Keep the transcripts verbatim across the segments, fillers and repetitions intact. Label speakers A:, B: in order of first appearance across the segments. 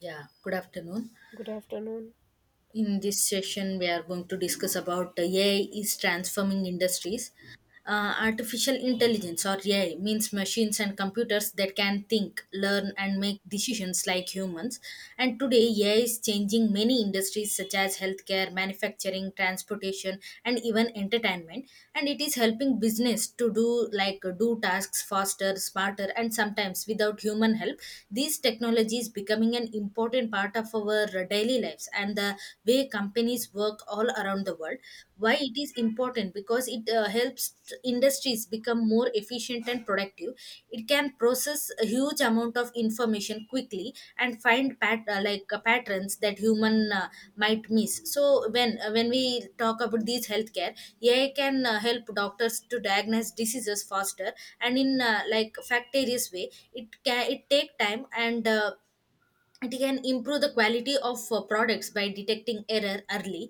A: Yeah, good afternoon.
B: Good afternoon.
A: In this session, we are going to discuss about uh, A I is transforming industries. Uh, artificial intelligence or A I means machines and computers that can think, learn, and make decisions like humans. And today, A I is changing many industries such as healthcare, manufacturing, transportation, and even entertainment. And it is helping business to do like uh, do tasks faster, smarter, and sometimes without human help. These technologies becoming an important part of of our daily lives and the way companies work all around the world. Why it is important? Because it uh, helps t- industries become more efficient and productive. It can process a huge amount of information quickly and find pat- uh, like uh, patterns that human uh, might miss. So when uh, when we talk about these healthcare, AI can uh, help doctors to diagnose diseases faster, and in uh, like factitious way, it can it take time, and uh, it can improve the quality of uh, products by detecting error early.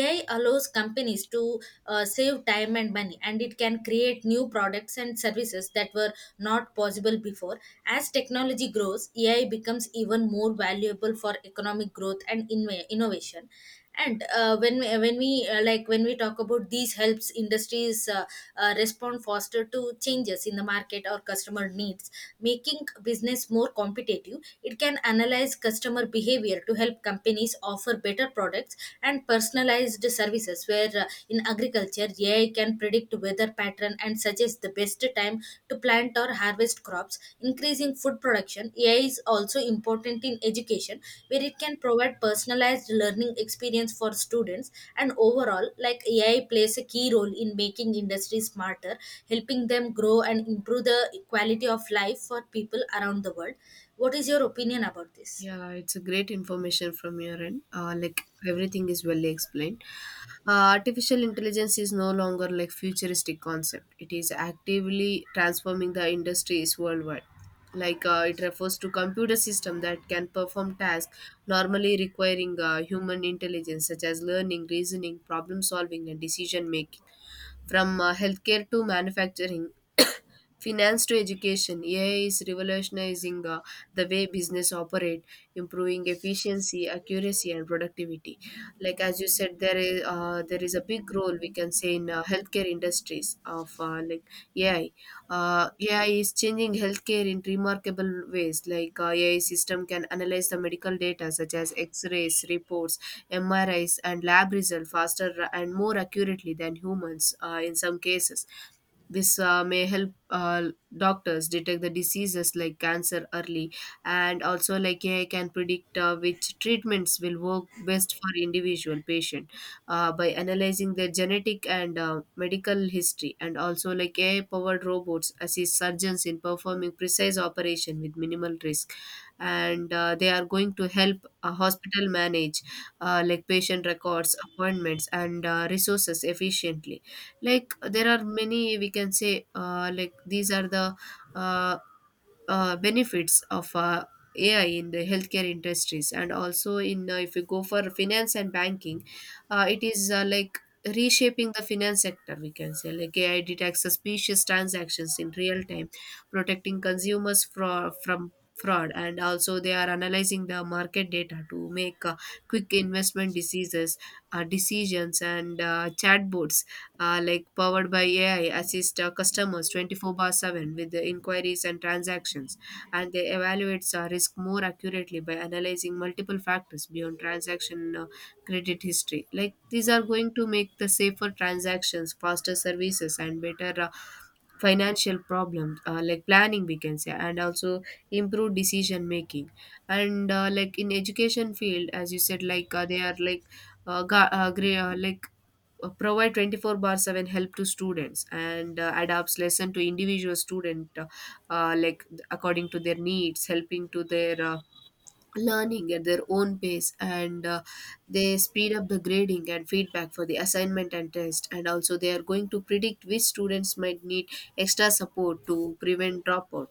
A: AI allows companies to uh, save time and money, and it can create new products and services that were not possible before. As technology grows, AI becomes even more valuable for economic growth and in- innovation. And uh, when we, when we uh, uh, like when we talk about these helps industries uh, uh, respond faster to changes in the market or customer needs, making business more competitive. It can analyze customer behavior to help companies offer better products and personalized services. Where uh, in agriculture, AI can predict weather pattern and suggest the best time to plant or harvest crops, increasing food production. A I is also important in education, where it can provide personalized learning experience for students. And overall, like A I plays a key role in making industry smarter, helping them grow and improve the quality of life for people around the world. What is your opinion about this?
B: Yeah, it's a great information from your end. Uh, like everything is well explained. Uh, artificial intelligence is no longer like futuristic concept. It is actively transforming the industries worldwide. Like uh, it refers to computer system that can perform tasks normally requiring uh, human intelligence, such as learning, reasoning, problem solving, and decision making. From uh, healthcare to manufacturing, finance to education, A I is revolutionizing uh, the way business operate, improving efficiency, accuracy, and productivity. Like as you said, there is uh, there is a big role we can say in uh, healthcare industries of uh, like A I. Uh, A I is changing healthcare in remarkable ways. Like uh, A I system can analyze the medical data such as X-rays, reports, M R Is, and lab results faster and more accurately than humans uh, in some cases. This uh, may help uh, doctors detect the diseases like cancer early, and also like A I can predict uh, which treatments will work best for individual patient uh, by analyzing their genetic and uh, medical history, and also like A I-powered robots assist surgeons in performing precise operation with minimal risk, and uh, they are going to help a hospital manage uh, like patient records, appointments, and uh, resources efficiently. Like there are many, we can say, uh, like these are the uh, uh, benefits of uh, A I in the healthcare industries and also in uh, if you go for finance and banking, uh, it is uh, like reshaping the finance sector. We can say like A I detects suspicious transactions in real time, protecting consumers from from fraud, and also they are analyzing the market data to make uh, quick investment diseases uh, decisions, and uh, chatbots uh, like powered by A I, assist uh, customers twenty-four bar seven with the inquiries and transactions, and they evaluates uh, risk more accurately by analyzing multiple factors beyond transaction uh, credit history. Like these are going to make the safer transactions, faster services, and better uh, financial problems, uh, like planning, we can say, and also improve decision making. And uh, like in education field, as you said, like uh, they are like uh, ga- uh, gre- uh, like uh, provide twenty-four bar seven help to students and uh, adapts lesson to individual student uh, uh, like according to their needs, helping to their uh, learning at their own pace, and uh, they speed up the grading and feedback for the assignment and test, and also they are going to predict which students might need extra support to prevent dropout.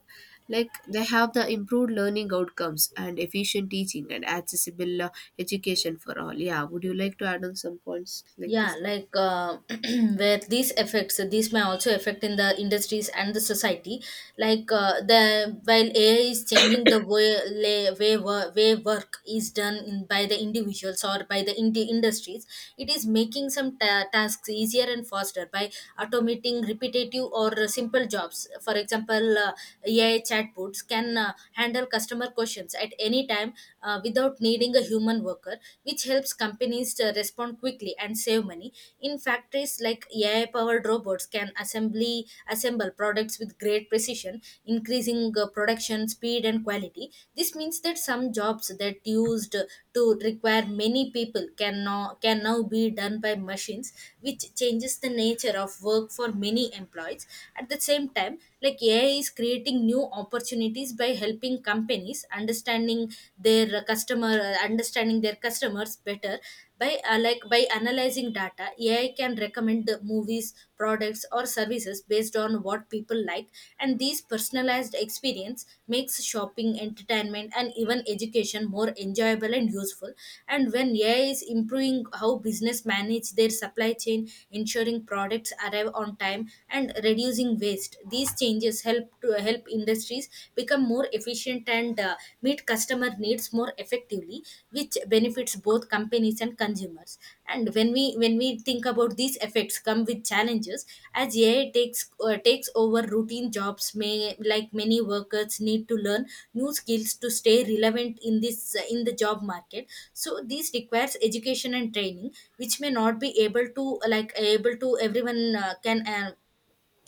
B: Like they have the improved learning outcomes and efficient teaching and accessible uh, education for all. Yeah, would you like to add on some points like
A: Yeah,
B: this?
A: like uh, where these effects, these may also affect in the industries and the society. Like uh, the While AI is changing the way lay- way, wo- way work is done, in, by the individuals or by the indi- industries, it is making some ta- tasks easier and faster by automating repetitive or simple jobs. For example, uh, AI chatbots can uh, handle customer questions at any time uh, without needing a human worker worker, which helps companies to respond quickly and save money. In factories like A I-powered robots can assembly assemble products with great precision, increasing uh, production speed and quality. This means that some jobs that used to require many people can now, can now be done by machines, which changes the nature of work for many employees. At the same time, like A I is creating new opportunities by helping companies understanding their customer understanding their customers better. By uh, like by analyzing data, AI can recommend the movies, products, or services based on what people like, and these personalized experience makes shopping, entertainment, and even education more enjoyable and useful. And when AI is improving how business manage their supply chain, ensuring products arrive on time and reducing waste, these changes help to to help industries become more efficient and uh, meet customer needs more effectively, which benefits both companies and consumers. And when we when we think about these, effects come with challenges. As AI takes uh, takes over routine jobs, may like many workers need to learn new skills to stay relevant in this uh, in the job market. So this requires education and training, which may not be able to uh, like able to everyone uh, can uh,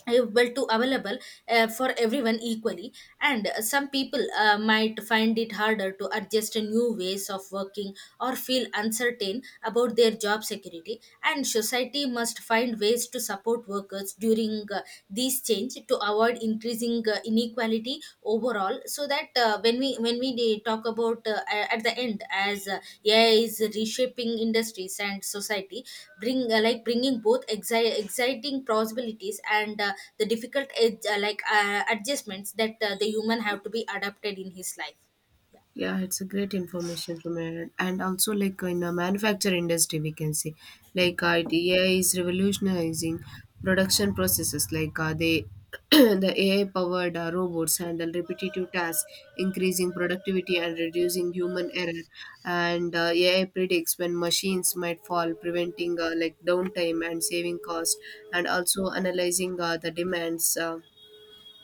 A: uh, well to available uh, for everyone equally. And uh, some people uh, might find it harder to adjust to new ways of working or feel uncertain about their job security, and society must find ways to support workers during uh, these change to avoid increasing uh, inequality equality overall. So that uh, when we when we de- talk about uh, a- at the end, as uh, AI is reshaping industries and society, bring uh, like bringing both exi- exciting possibilities and uh, the difficult edge, uh, like uh, adjustments that uh, the human have to be adapted in his life. Yeah.
B: Yeah, it's a great information from it. And also, like in the manufacture industry, we can see like uh, it- A I is revolutionizing production processes. Like uh, they, the A I powered uh, robots handle repetitive tasks, increasing productivity and reducing human error. And uh, A I predicts when machines might fall, preventing uh, like downtime and saving cost. And also analyzing uh, the demands. Uh,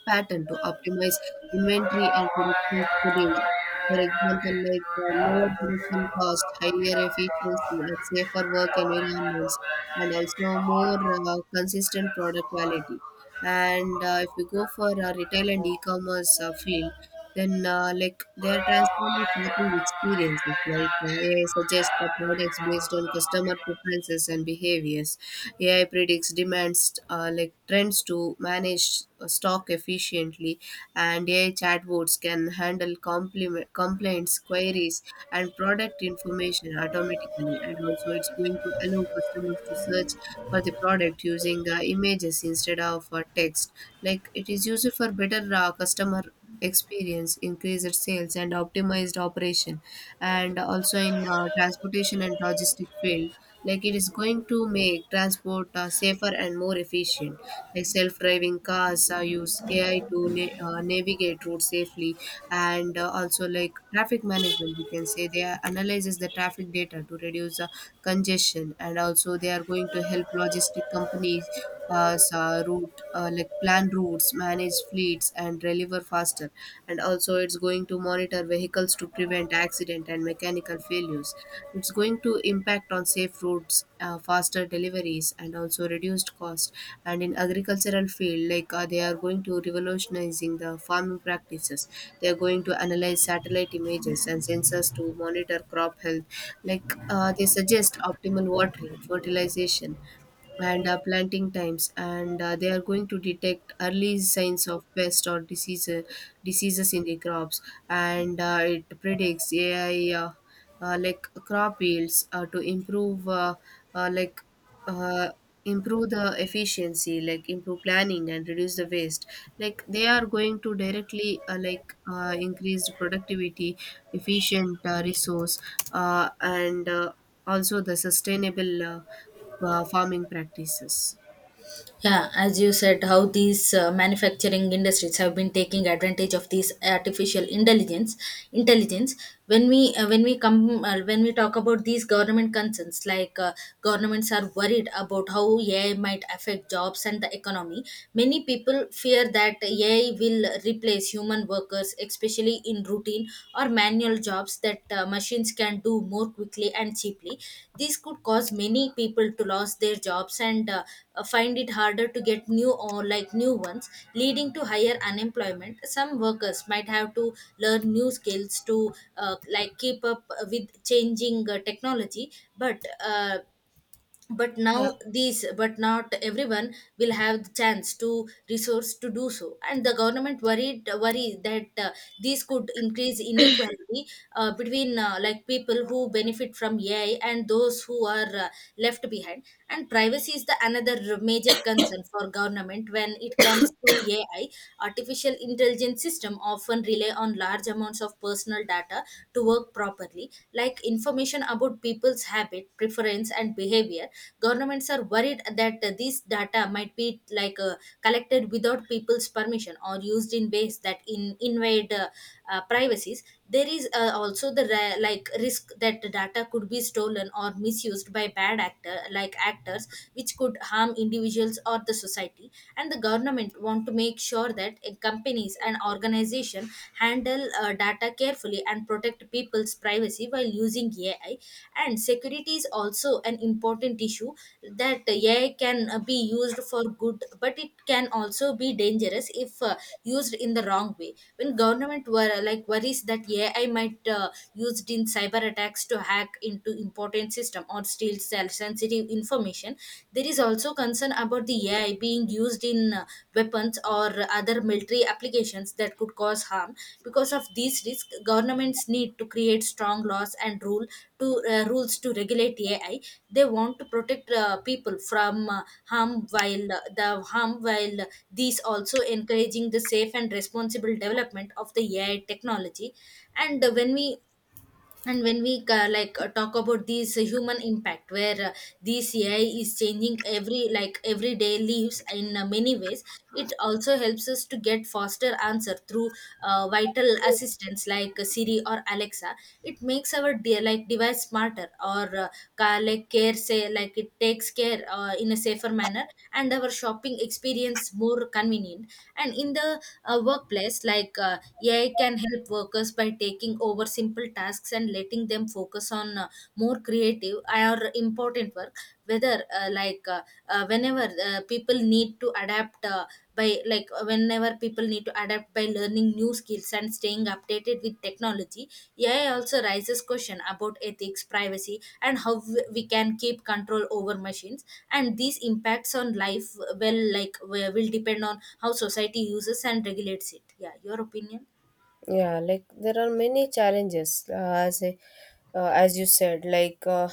B: pattern to optimize inventory and
A: प्राव लेख
B: production schedules.
A: ठान्वा लेख
B: For
A: नहीं
B: example, like
A: of
B: uh, lower production
A: प्रत्ब्रिकाश्बंगाश्भिक्श
B: cost, higher efficiency, and safer work
A: थκो घटूर
B: environments, and also
A: desapare।
B: more uh, consistent product quality. And uh, if you go for uh, retail
A: तो
B: and e-commerce uh, field, then, uh, like, they
A: जोर आफ
B: are
A: DMOif Sa
B: transforming
A: ne से गेख
B: shopping
A: में
B: experiences.
A: मुझा
B: Like,
A: रख्मार भाई
B: A I
A: मुझा
B: suggests the
A: प्रत्रू नहीं
B: products
A: किया
B: based on
A: हुआला लेख
B: customer
A: अधिम Last
B: preferences
A: M D.
B: and behaviors. A I predicts demands, uh, like trends to manage uh, stock efficiently, and A I chatbots can handle compliment, complaints, queries, and product information automatically. And also, it's going to allow customers to search for the product using uh, images instead of uh, text. Like, it is used for better uh, customer experience, increased sales, and optimized operation, and also in uh, transportation and logistic field. Like it is going to make transport uh, safer and more efficient. Like self-driving cars uh, use A I to na- uh, navigate routes safely, and uh, also like traffic management, we can say. They are- analyzes the traffic data to reduce uh, congestion, and also they are going to help logistic companies uh, sa- route, uh, like plan routes, manage fleets, and deliver faster. And also, it's going to monitor vehicles to prevent accident and mechanical failures. It's going to impact on safe routes, uh, faster deliveries, and also reduced cost. And in agricultural field, like uh, they are going to revolutionizing the farming practices. They are going to analyze satellite images and sensors to monitor crop health. Like uh, they suggest optimal watering, fertilization, and uh, planting times, and uh, they are going to detect early signs of pest or disease uh, diseases in the crops, and uh, it predicts A I uh, uh, like crop yields uh, to improve uh, uh, like uh, improve the efficiency, like improve planning and reduce the waste. Like they are going to directly uh, like uh, increase productivity, efficient uh, resource, uh, and uh, also the sustainable uh, uh, farming practices.
A: Yeah, as you said, how these uh, manufacturing industries have been taking advantage of these artificial intelligence. Intelligence. When we uh, when we come uh, when we talk about these government concerns, like uh, governments are worried about how A I might affect jobs and the economy. Many people fear that A I will replace human workers, especially especially in routine or manual jobs that uh, machines can do more quickly and cheaply. This could cause many people to lose their jobs, and uh, uh, find it harder to get new or like new ones, leading to higher unemployment. Some workers might have to learn new skills to uh, like keep up with changing uh, technology. But uh, but
B: Yeah.
A: now these but not everyone will have the chance to resource to do so, and the government worried worry that uh, these could increase inequality uh, between uh, like people who benefit from AI and those who are uh, left behind. And privacy is the another major concern for government when it comes to AI. Artificial intelligence system often rely on large amounts of personal data to work properly, like information about people's habit, preference, and behavior. Governments are worried that uh, these data might be like uh, collected without people's permission or used in ways that in, invade uh, uh, privacies. There is uh, also the ra- like risk that the data could be stolen or misused by bad actor like actors, which could harm individuals or the society. And the government want to make make sure that uh, companies and organizations handle uh, data carefully and protect people's privacy while using A I. And security is also an important issue that A I can uh, be used for good, but it can also be dangerous if uh, used in the wrong way. When government were like worries that A I might uh, used in cyber attacks to hack into important system or steal self sensitive information. There is also concern about the A I being used in uh, weapons or other military applications that could cause harm. Because of these risks, governments need to create strong laws and rule to uh, rules to regulate A I. They want to protect uh, people from uh, harm while uh, the harm while these also encouraging the safe and responsible development of the A I technology. And uh, when we and when we uh, like uh, talk about this human impact, where uh, this AI is changing every like everyday lives in uh, many ways. It also helps us to get faster answer through uh, vital assistance like uh, Siri or Alexa. It makes our de- like device smarter, or uh, ca- like care say like it takes care uh, in a safer manner, and our shopping experience more convenient. And in the uh, workplace like uh, AI can help workers by taking taking over simple tasks and letting them focus on uh, more creative or important work. Whether uh, like uh, uh, whenever uh, people need to adapt uh, by like uh, Whenever people need to adapt by learning new skills and staying updated with technology, AI also raises question about ethics, privacy, and how w- we can keep control over machines. And these impacts on life uh, well like will will depend on how society uses and regulates it. Yeah, your opinion.
B: Yeah, like there are many challenges. Uh, as I- uh, as you said, like uh,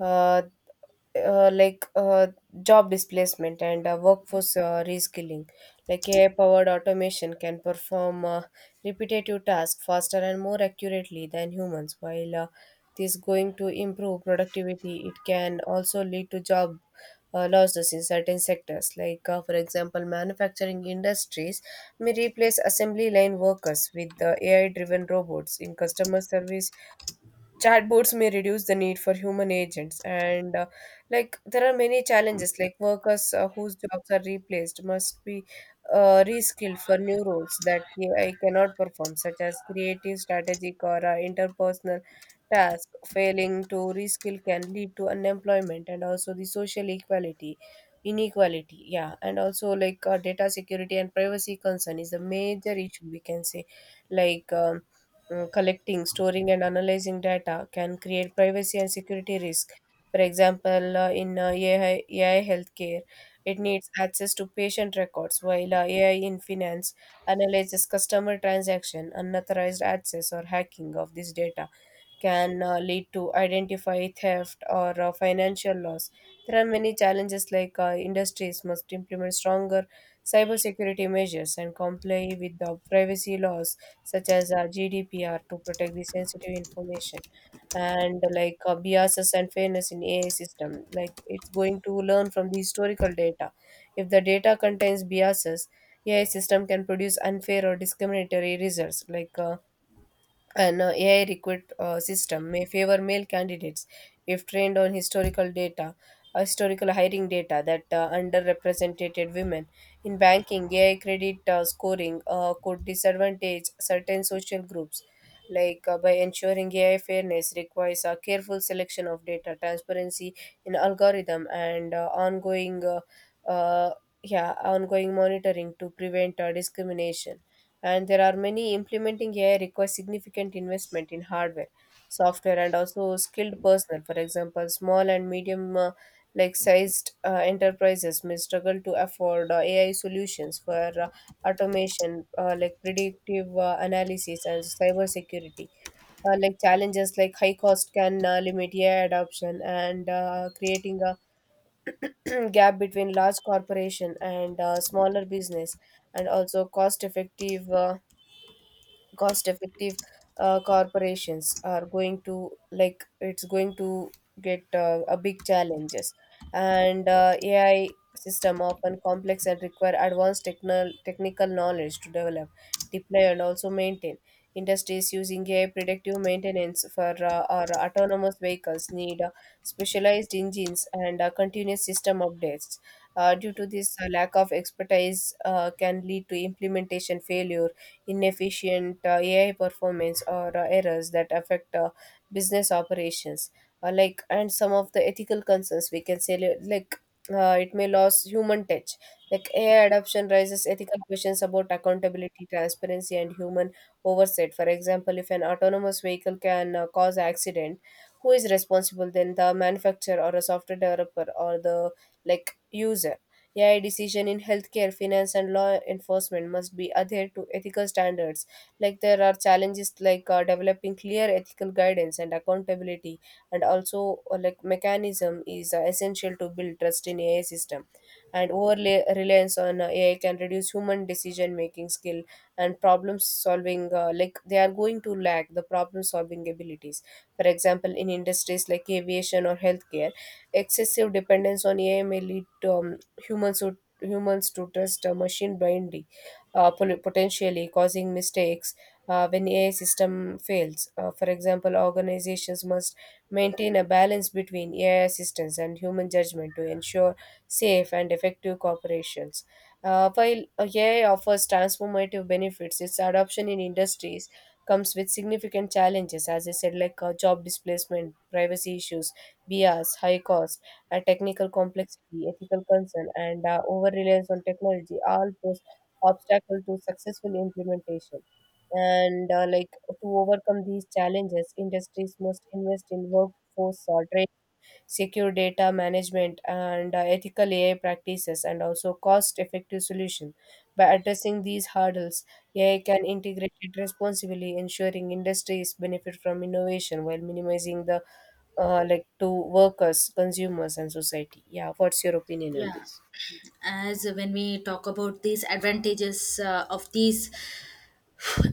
B: uh, uh, like uh, job displacement and uh, workforce uh, reskilling. Like A I-powered automation can perform uh, repetitive tasks faster and more accurately than humans. While uh, this going to improve productivity, it can also lead to job uh, losses in certain sectors. Like uh, for example, manufacturing industries may replace assembly line workers with the A I driven robots. In customer service chatbots may reduce the need for human agents, and uh, like there are many challenges. Like workers uh, whose jobs are replaced must be uh, reskilled for new roles that A I cannot perform, such as creative, strategic, or uh, interpersonal tasks. Failing to reskill can lead to unemployment and also the social equality inequality. Yeah, and also like uh, data security and privacy concern is a major issue, we can say. Like um, uh, collecting, storing, and analyzing data can create privacy and security risk. For example, uh, in uh, A I, healthcare, it needs access to patient records, while uh, A I in finance analyzes customer transaction. Unauthorized access or hacking of this data can uh, lead to identify theft or uh, financial loss. There are many challenges. Like uh, industries must implement stronger cybersecurity measures and comply with the privacy laws such as uh, G D P R to protect the sensitive information. And like uh, biases and fairness in A I system. Like it's going to learn from the historical data. If the data contains biases, A I system can produce unfair or discriminatory results. Like uh, an uh, A I recruit uh, system may favor male candidates if trained on historical data, uh, historical hiring data that uh, underrepresented women. In banking, A I credit uh, scoring uh, could disadvantage certain social groups. Like uh, by ensuring A I fairness requires a careful selection of data, transparency in algorithm, and uh, ongoing, uh, uh, yeah, ongoing monitoring to prevent uh, discrimination. And there are many implementing A I requires significant investment in hardware, software, and also skilled personnel. For example, small and medium uh, like sized uh, enterprises may struggle to afford uh, A I solutions for uh, automation, uh, like predictive uh, analysis, and cybersecurity. Uh, like challenges like high cost can uh, limit A I adoption and uh, creating a gap between large corporation and uh, smaller business, and also cost effective uh, cost effective uh, corporations are going to, like it's going to get uh, a big challenges. And uh, AI system often complex and require advanced techno- technical knowledge to develop, deploy, and also maintain. Industries using A I predictive maintenance for uh, our autonomous vehicles need uh, specialized engines and uh, continuous system updates. Uh, due to this uh, lack of expertise uh, can lead to implementation failure, inefficient uh, A I performance, or uh, errors that affect uh, business operations. Uh, like, and some of the ethical concerns, we can say, li- like uh, it may lose human touch. Like A I adoption raises ethical questions about accountability, transparency, and human oversight. For example, if an autonomous vehicle can uh, cause accident, who is responsible? Then the manufacturer or a software developer or the like user. A I decision in healthcare, finance, and law enforcement must be adhered to ethical standards. Like there are challenges, like uh, developing clear ethical guidance and accountability, and also uh, like mechanism is uh, essential to build trust in A I system. And overlay reliance on uh, A I can reduce human decision making skill and problem solving. Uh, like they are going to lack the problem solving abilities. For example, in industries like aviation or healthcare, excessive dependence on A I may lead to um, humans would humans to trust a machine blindly, uh, pol- potentially causing mistakes uh, when A I system fails. Uh, for example, organizations must maintain a balance between A I assistance and human judgment to ensure safe and effective corporations. Uh, while uh, A I offers transformative benefits, its adoption in industries comes with significant challenges, as I said, like uh, job displacement, privacy issues, bias, high cost, uh, technical complexity, ethical concern, and uh, over reliance on technology all pose obstacles to successful implementation. And uh, like to overcome these challenges, industries must invest in workforce uh, training, secure data management, and uh, ethical A I practices, and also cost effective solution. By addressing these hurdles, A I can integrate it responsibly, ensuring industries benefit from innovation while minimizing the uh, like to workers, consumers, and society. Yeah, what's your opinion on
A: Yeah,
B: this?
A: as when we talk about these advantages uh, of these,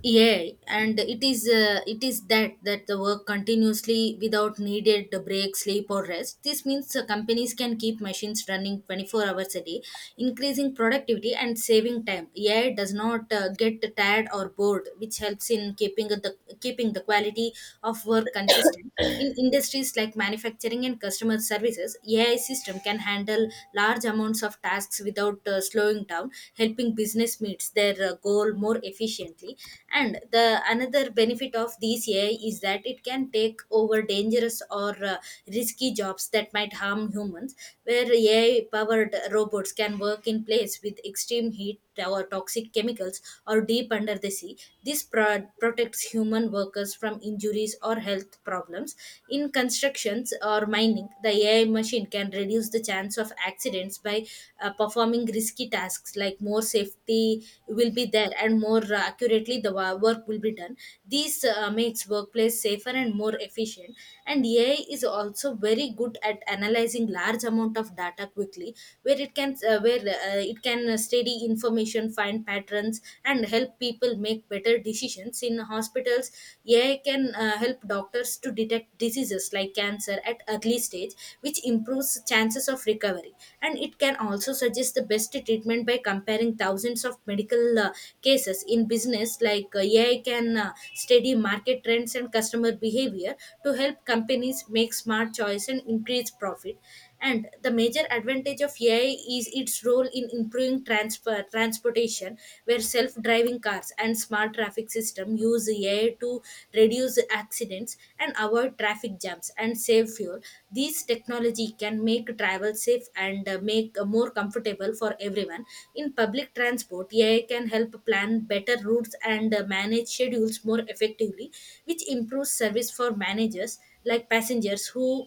A: yeah, and it is uh, it is that that the work continuously without needed break, sleep, or rest. This means uh, companies can keep machines running twenty-four hours a day, increasing productivity and saving time. AI does not uh, get tired or bored, which helps in keeping the keeping the quality of work consistent. In industries like manufacturing and customer services, AI system can handle large amounts of tasks tasks without uh, slowing down, helping business meets their uh, goal more efficiently. And the another benefit of these A I is that it can take over dangerous or uh, risky jobs that might harm humans, where A I-powered robots can work in place with extreme heat or toxic chemicals or deep under the sea. This pro- protects human workers from injuries or health problems. In constructions or mining, the A I machine can reduce the chance of accidents by uh, performing risky tasks, like more safety will be there and more uh, accurately the wa- work will be done. This uh, makes workplace safer and more efficient. And A I is also very good at analyzing large amount of data quickly, where it can uh, where uh, it can uh, study information, find patterns, and help people make better decisions. In hospitals, A I can uh, help doctors to detect diseases like cancer at early stage, which improves chances of recovery. And it can also suggest the best treatment by comparing thousands of medical uh, cases. In business, like uh, A I can uh, study market trends and customer behavior to help companies make smart choice and increase profit. And the major advantage of AI is its role in improving transfer transportation, where self-driving cars and smart traffic system use AI to reduce accidents and avoid traffic jams and save fuel. This technology can make travel safe and uh, make uh, more comfortable for everyone. In public transport, AI can help plan better routes and uh, manage schedules more effectively, which improves service for managers like passengers who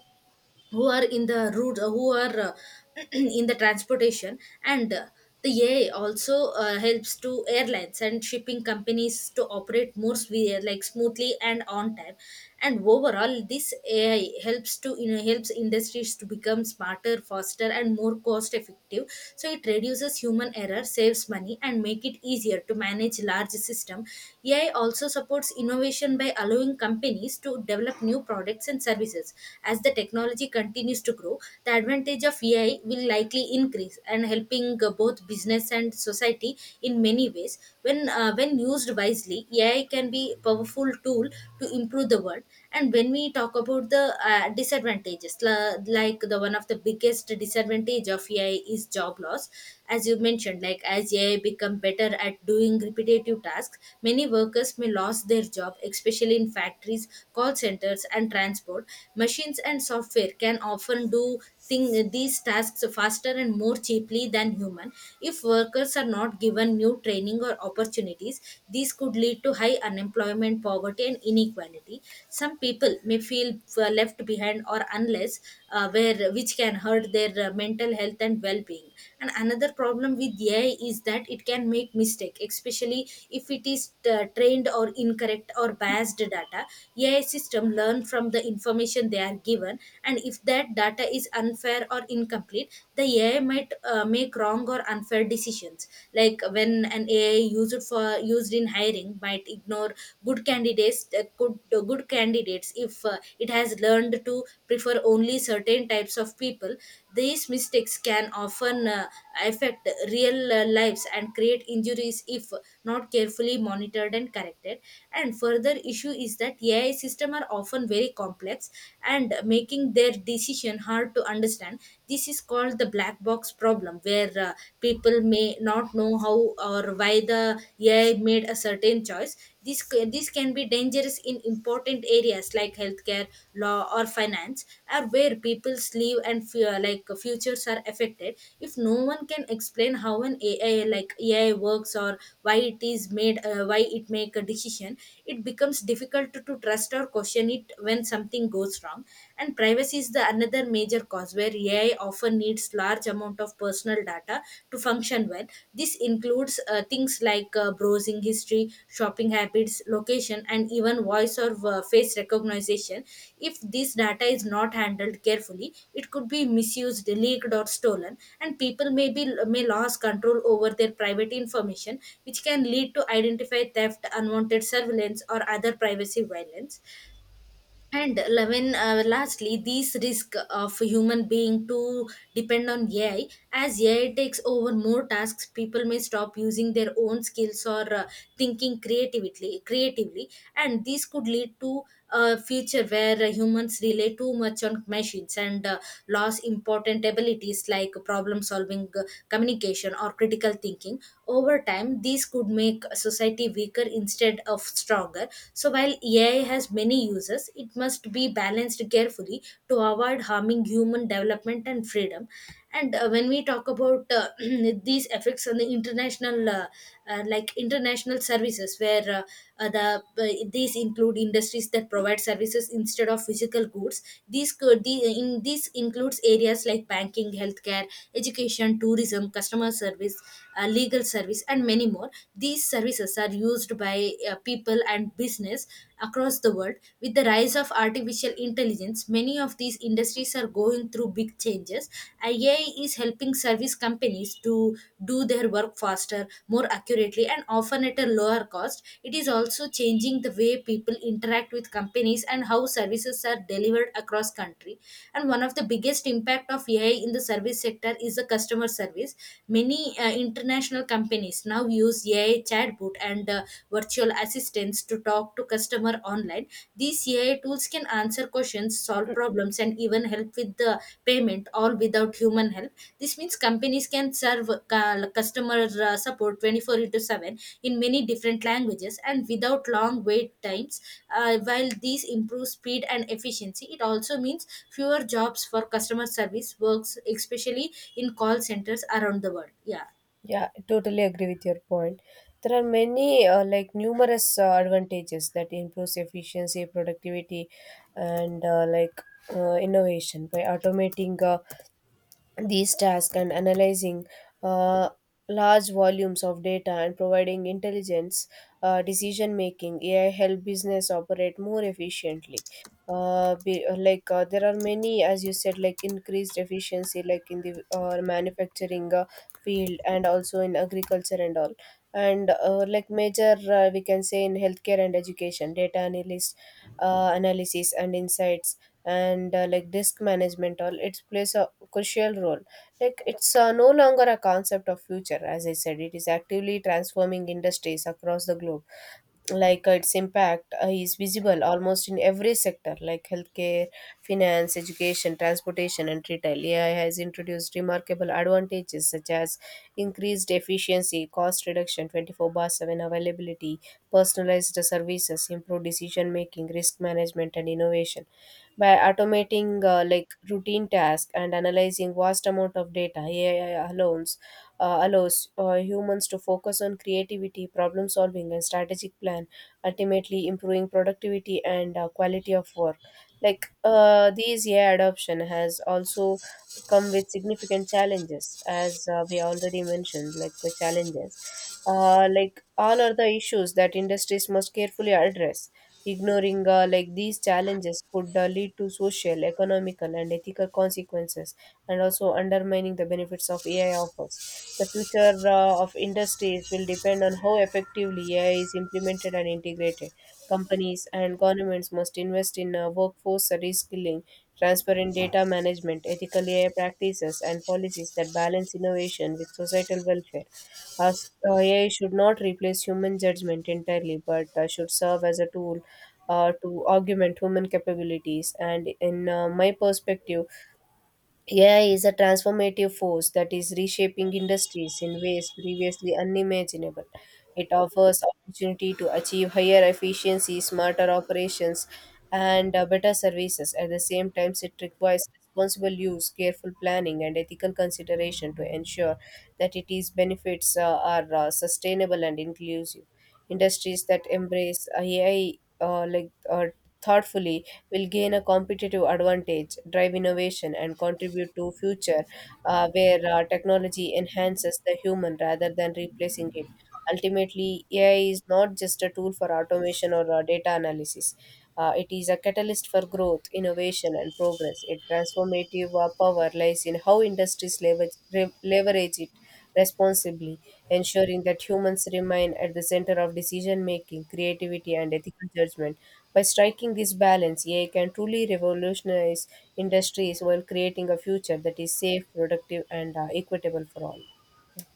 A: who are in the route, uh, who are uh, in the transportation. And uh, the A I also uh, helps to airlines and shipping companies to operate more swe- like smoothly and on time. And overall, this A I helps to you know helps industries to become smarter, faster, and more cost effective. So it reduces human error, saves money, and make it easier to manage large system. A I also supports innovation by allowing companies to develop new products and services. As the technology continues to grow, the advantage of A I will likely increase and helping uh, both business and society in many ways. When uh, when used wisely, A I can be a powerful tool to improve the world. And when we talk about the uh, disadvantages, la- like the one of the biggest disadvantage of A I is job loss, as you mentioned. Like as A I become better at doing repetitive tasks, many workers may lose their job, especially in factories, call centers, and transport. Machine machines and software can often do thing, these tasks faster and more cheaply than human. If workers are not given new training or opportunities, these could lead to high unemployment, poverty, and inequality. Some people may feel uh, left behind or unless, uh, where which can hurt their uh, mental health and well-being. And another problem with AI is that it can make mistake, especially if it is uh, trained or incorrect or biased data. AI system learn from the information information they are given, and if that data is unfair or incomplete, the AI might uh, make wrong or unfair decisions. Like when an ai used for used in hiring might ignore good candidates, uh, good, uh, good candidates if uh, it has learned to prefer only certain types of people. These mistakes can often uh, affect real uh, lives and create injuries if not carefully monitored and corrected. And further issue is that AI system are often very very complex, and making their decision hard to understand. This is called the black box problem, where uh, people may not know how or why the AI made a certain choice. This c- this can be dangerous in important areas like healthcare, law, or finance, or where people's live and fear like futures are affected. If no one can explain how an ai like AI works, or why it is made uh, why it make a decision, it becomes difficult to, to trust or question question it when something goes wrong. And privacy is the another major cause, where AI often needs large amount of personal data to function well. This includes uh, things like uh, browsing history, shopping habits, location, and even voice or uh, face recognition. If this data is not handled carefully, it could be misused, leaked, or stolen, and people may be may lose control over their private information, which can lead to identify theft, unwanted surveillance, or other privacy violence. And Levin, uh, lastly, these risk of human being to depend on A I. As A I takes over more tasks, people may stop using their own skills or uh, thinking creatively. Creatively, and this could lead to a future where uh, humans rely too much on machines, and uh, lose important abilities like problem solving, uh, communication, or critical thinking. Over time, these could make society weaker instead of stronger. So while while A I has many uses, it must be balanced carefully to avoid harming human development and freedom. And uh, when we talk about uh, these effects on the international, uh, uh, like international services, where uh, uh, the uh, these include industries that provide services instead of physical goods. These could the, in this includes areas like banking, healthcare, education, tourism, customer service, uh, legal service, and many more. These services are used by by uh, people and business across the world. With the rise of artificial intelligence, many of these industries are going through big changes. A I is helping service companies to do their work faster, more accurately, and often at a lower cost. It is also changing the way people interact with companies and how services are delivered across country. And one of the biggest impact of A I in the service sector is the customer service. Many uh, international companies now use use A I chatbot and uh, virtual assistants to talk to customer online. These A I tools can answer questions, solve problems, and even help with the payment, all without human help. This means companies can serve uh, customer uh, support twenty-four into seven in many different languages and without long wait times. Uh, while these improve speed and efficiency, it also means fewer jobs for customer service works, especially in call centers around the world. Yeah.
B: Yeah, I totally agree with your point. There are many, uh, like numerous uh, advantages that improves efficiency, productivity, and uh, like uh, innovation by automating uh, these tasks and analyzing uh, large volumes of data and providing intelligence uh, decision making. AI help business operate more efficiently. Uh, be, uh, like uh, There are many, as you said, like increased efficiency like in the uh, manufacturing uh, field and also in agriculture and all, and uh, like major, uh, we can say, in healthcare and education, data analyst uh, analysis and insights, and uh, like disk management. All it plays a crucial role. Like it's uh, no longer a concept of future, as I said. It is actively transforming industries across the globe. Like uh, its impact uh, is visible almost in every sector, like healthcare, finance, education, transportation, and retail. AI has introduced remarkable advantages such as increased efficiency, cost reduction, twenty-four bar seven availability, personalized services, improved decision making, risk management, and innovation. By automating uh, like routine tasks and analyzing vast amount of data, AI alone uh, allows uh, humans to focus on creativity, problem solving, and strategic plan, ultimately improving productivity and uh, quality of work. Like uh, these A I adoption has also come with significant challenges, as uh, we already mentioned, like the challenges. Uh, like all are the issues that industries must carefully address. Ignoring uh, like these challenges could uh, lead to social, economical, and ethical consequences, and also undermining the benefits of A I offers. The future uh, of industries will depend on how effectively A I is implemented and integrated. Companies and governments must invest in uh, workforce reskilling, transparent data management, ethical A I practices, and policies that balance innovation with societal welfare. As, uh, A I should not replace human judgment entirely, but uh, should serve as a tool uh, to augment human capabilities. And in uh, my perspective, A I is a transformative force that is reshaping industries in ways previously unimaginable. It offers opportunity to achieve higher efficiency, smarter operations, and uh, better services. At the same time, it requires responsible use, careful planning, and ethical consideration to ensure that its benefits uh, are uh, sustainable and inclusive. Industries that embrace A I uh, like uh, thoughtfully will gain a competitive advantage, drive innovation, and contribute to future uh, where uh, technology enhances the human rather than replacing it. Ultimately, A I is not just a tool for automation or uh, data analysis. Uh, it is a catalyst for growth, innovation, and progress. Its transformative uh, power lies in how industries leverage, re- leverage it responsibly, ensuring that humans remain at the center of decision making, creativity, and ethical judgment. By striking this balance, A I can truly revolutionize industries while creating a future that is safe, productive, and uh, equitable for all.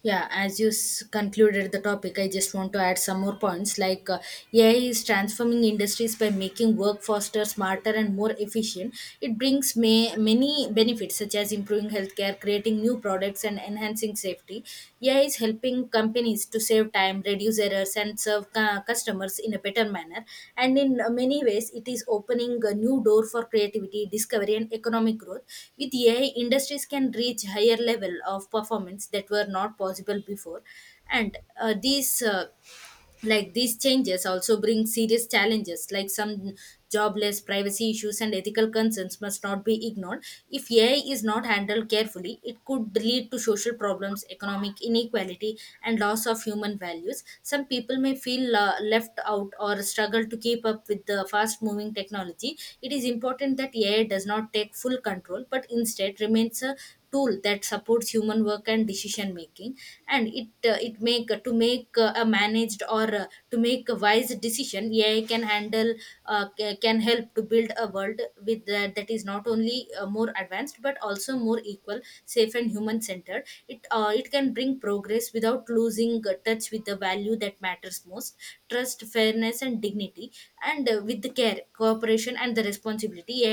A: Yeah, as you s- concluded the topic, I just want to add some more points. Like uh, A I is transforming industries by making work faster, smarter, and more efficient. It brings may- many benefits, such as improving healthcare, creating new products, and enhancing safety. A I is helping companies companies to save time, reduce errors, and serve cu- customers in a better manner. And in uh, many ways, it is opening a new door for creativity, discovery, and economic growth. With A I, industries can reach higher level of performance that were not possible before. And uh, these uh, like these changes also bring serious challenges, like some jobless, privacy issues, and ethical concerns must not be ignored. If AI is not handled carefully, it could lead to social problems, economic inequality, and loss of human values. Some people may feel uh, left out or struggle to keep up with the fast moving technology. It is important that AI does not take full control, but instead remains a tool that supports human work and decision making. And it uh, it make to make uh, a managed, or uh, to make a wise decision, AI can handle, uh, ca- can help to build a world with that that is not only uh, more advanced, but also more equal, safe, and human centered. It uh, it can bring progress without losing uh, touch with the value that matters most: trust, fairness, and dignity. And uh, with the care, cooperation, and the responsibility, A I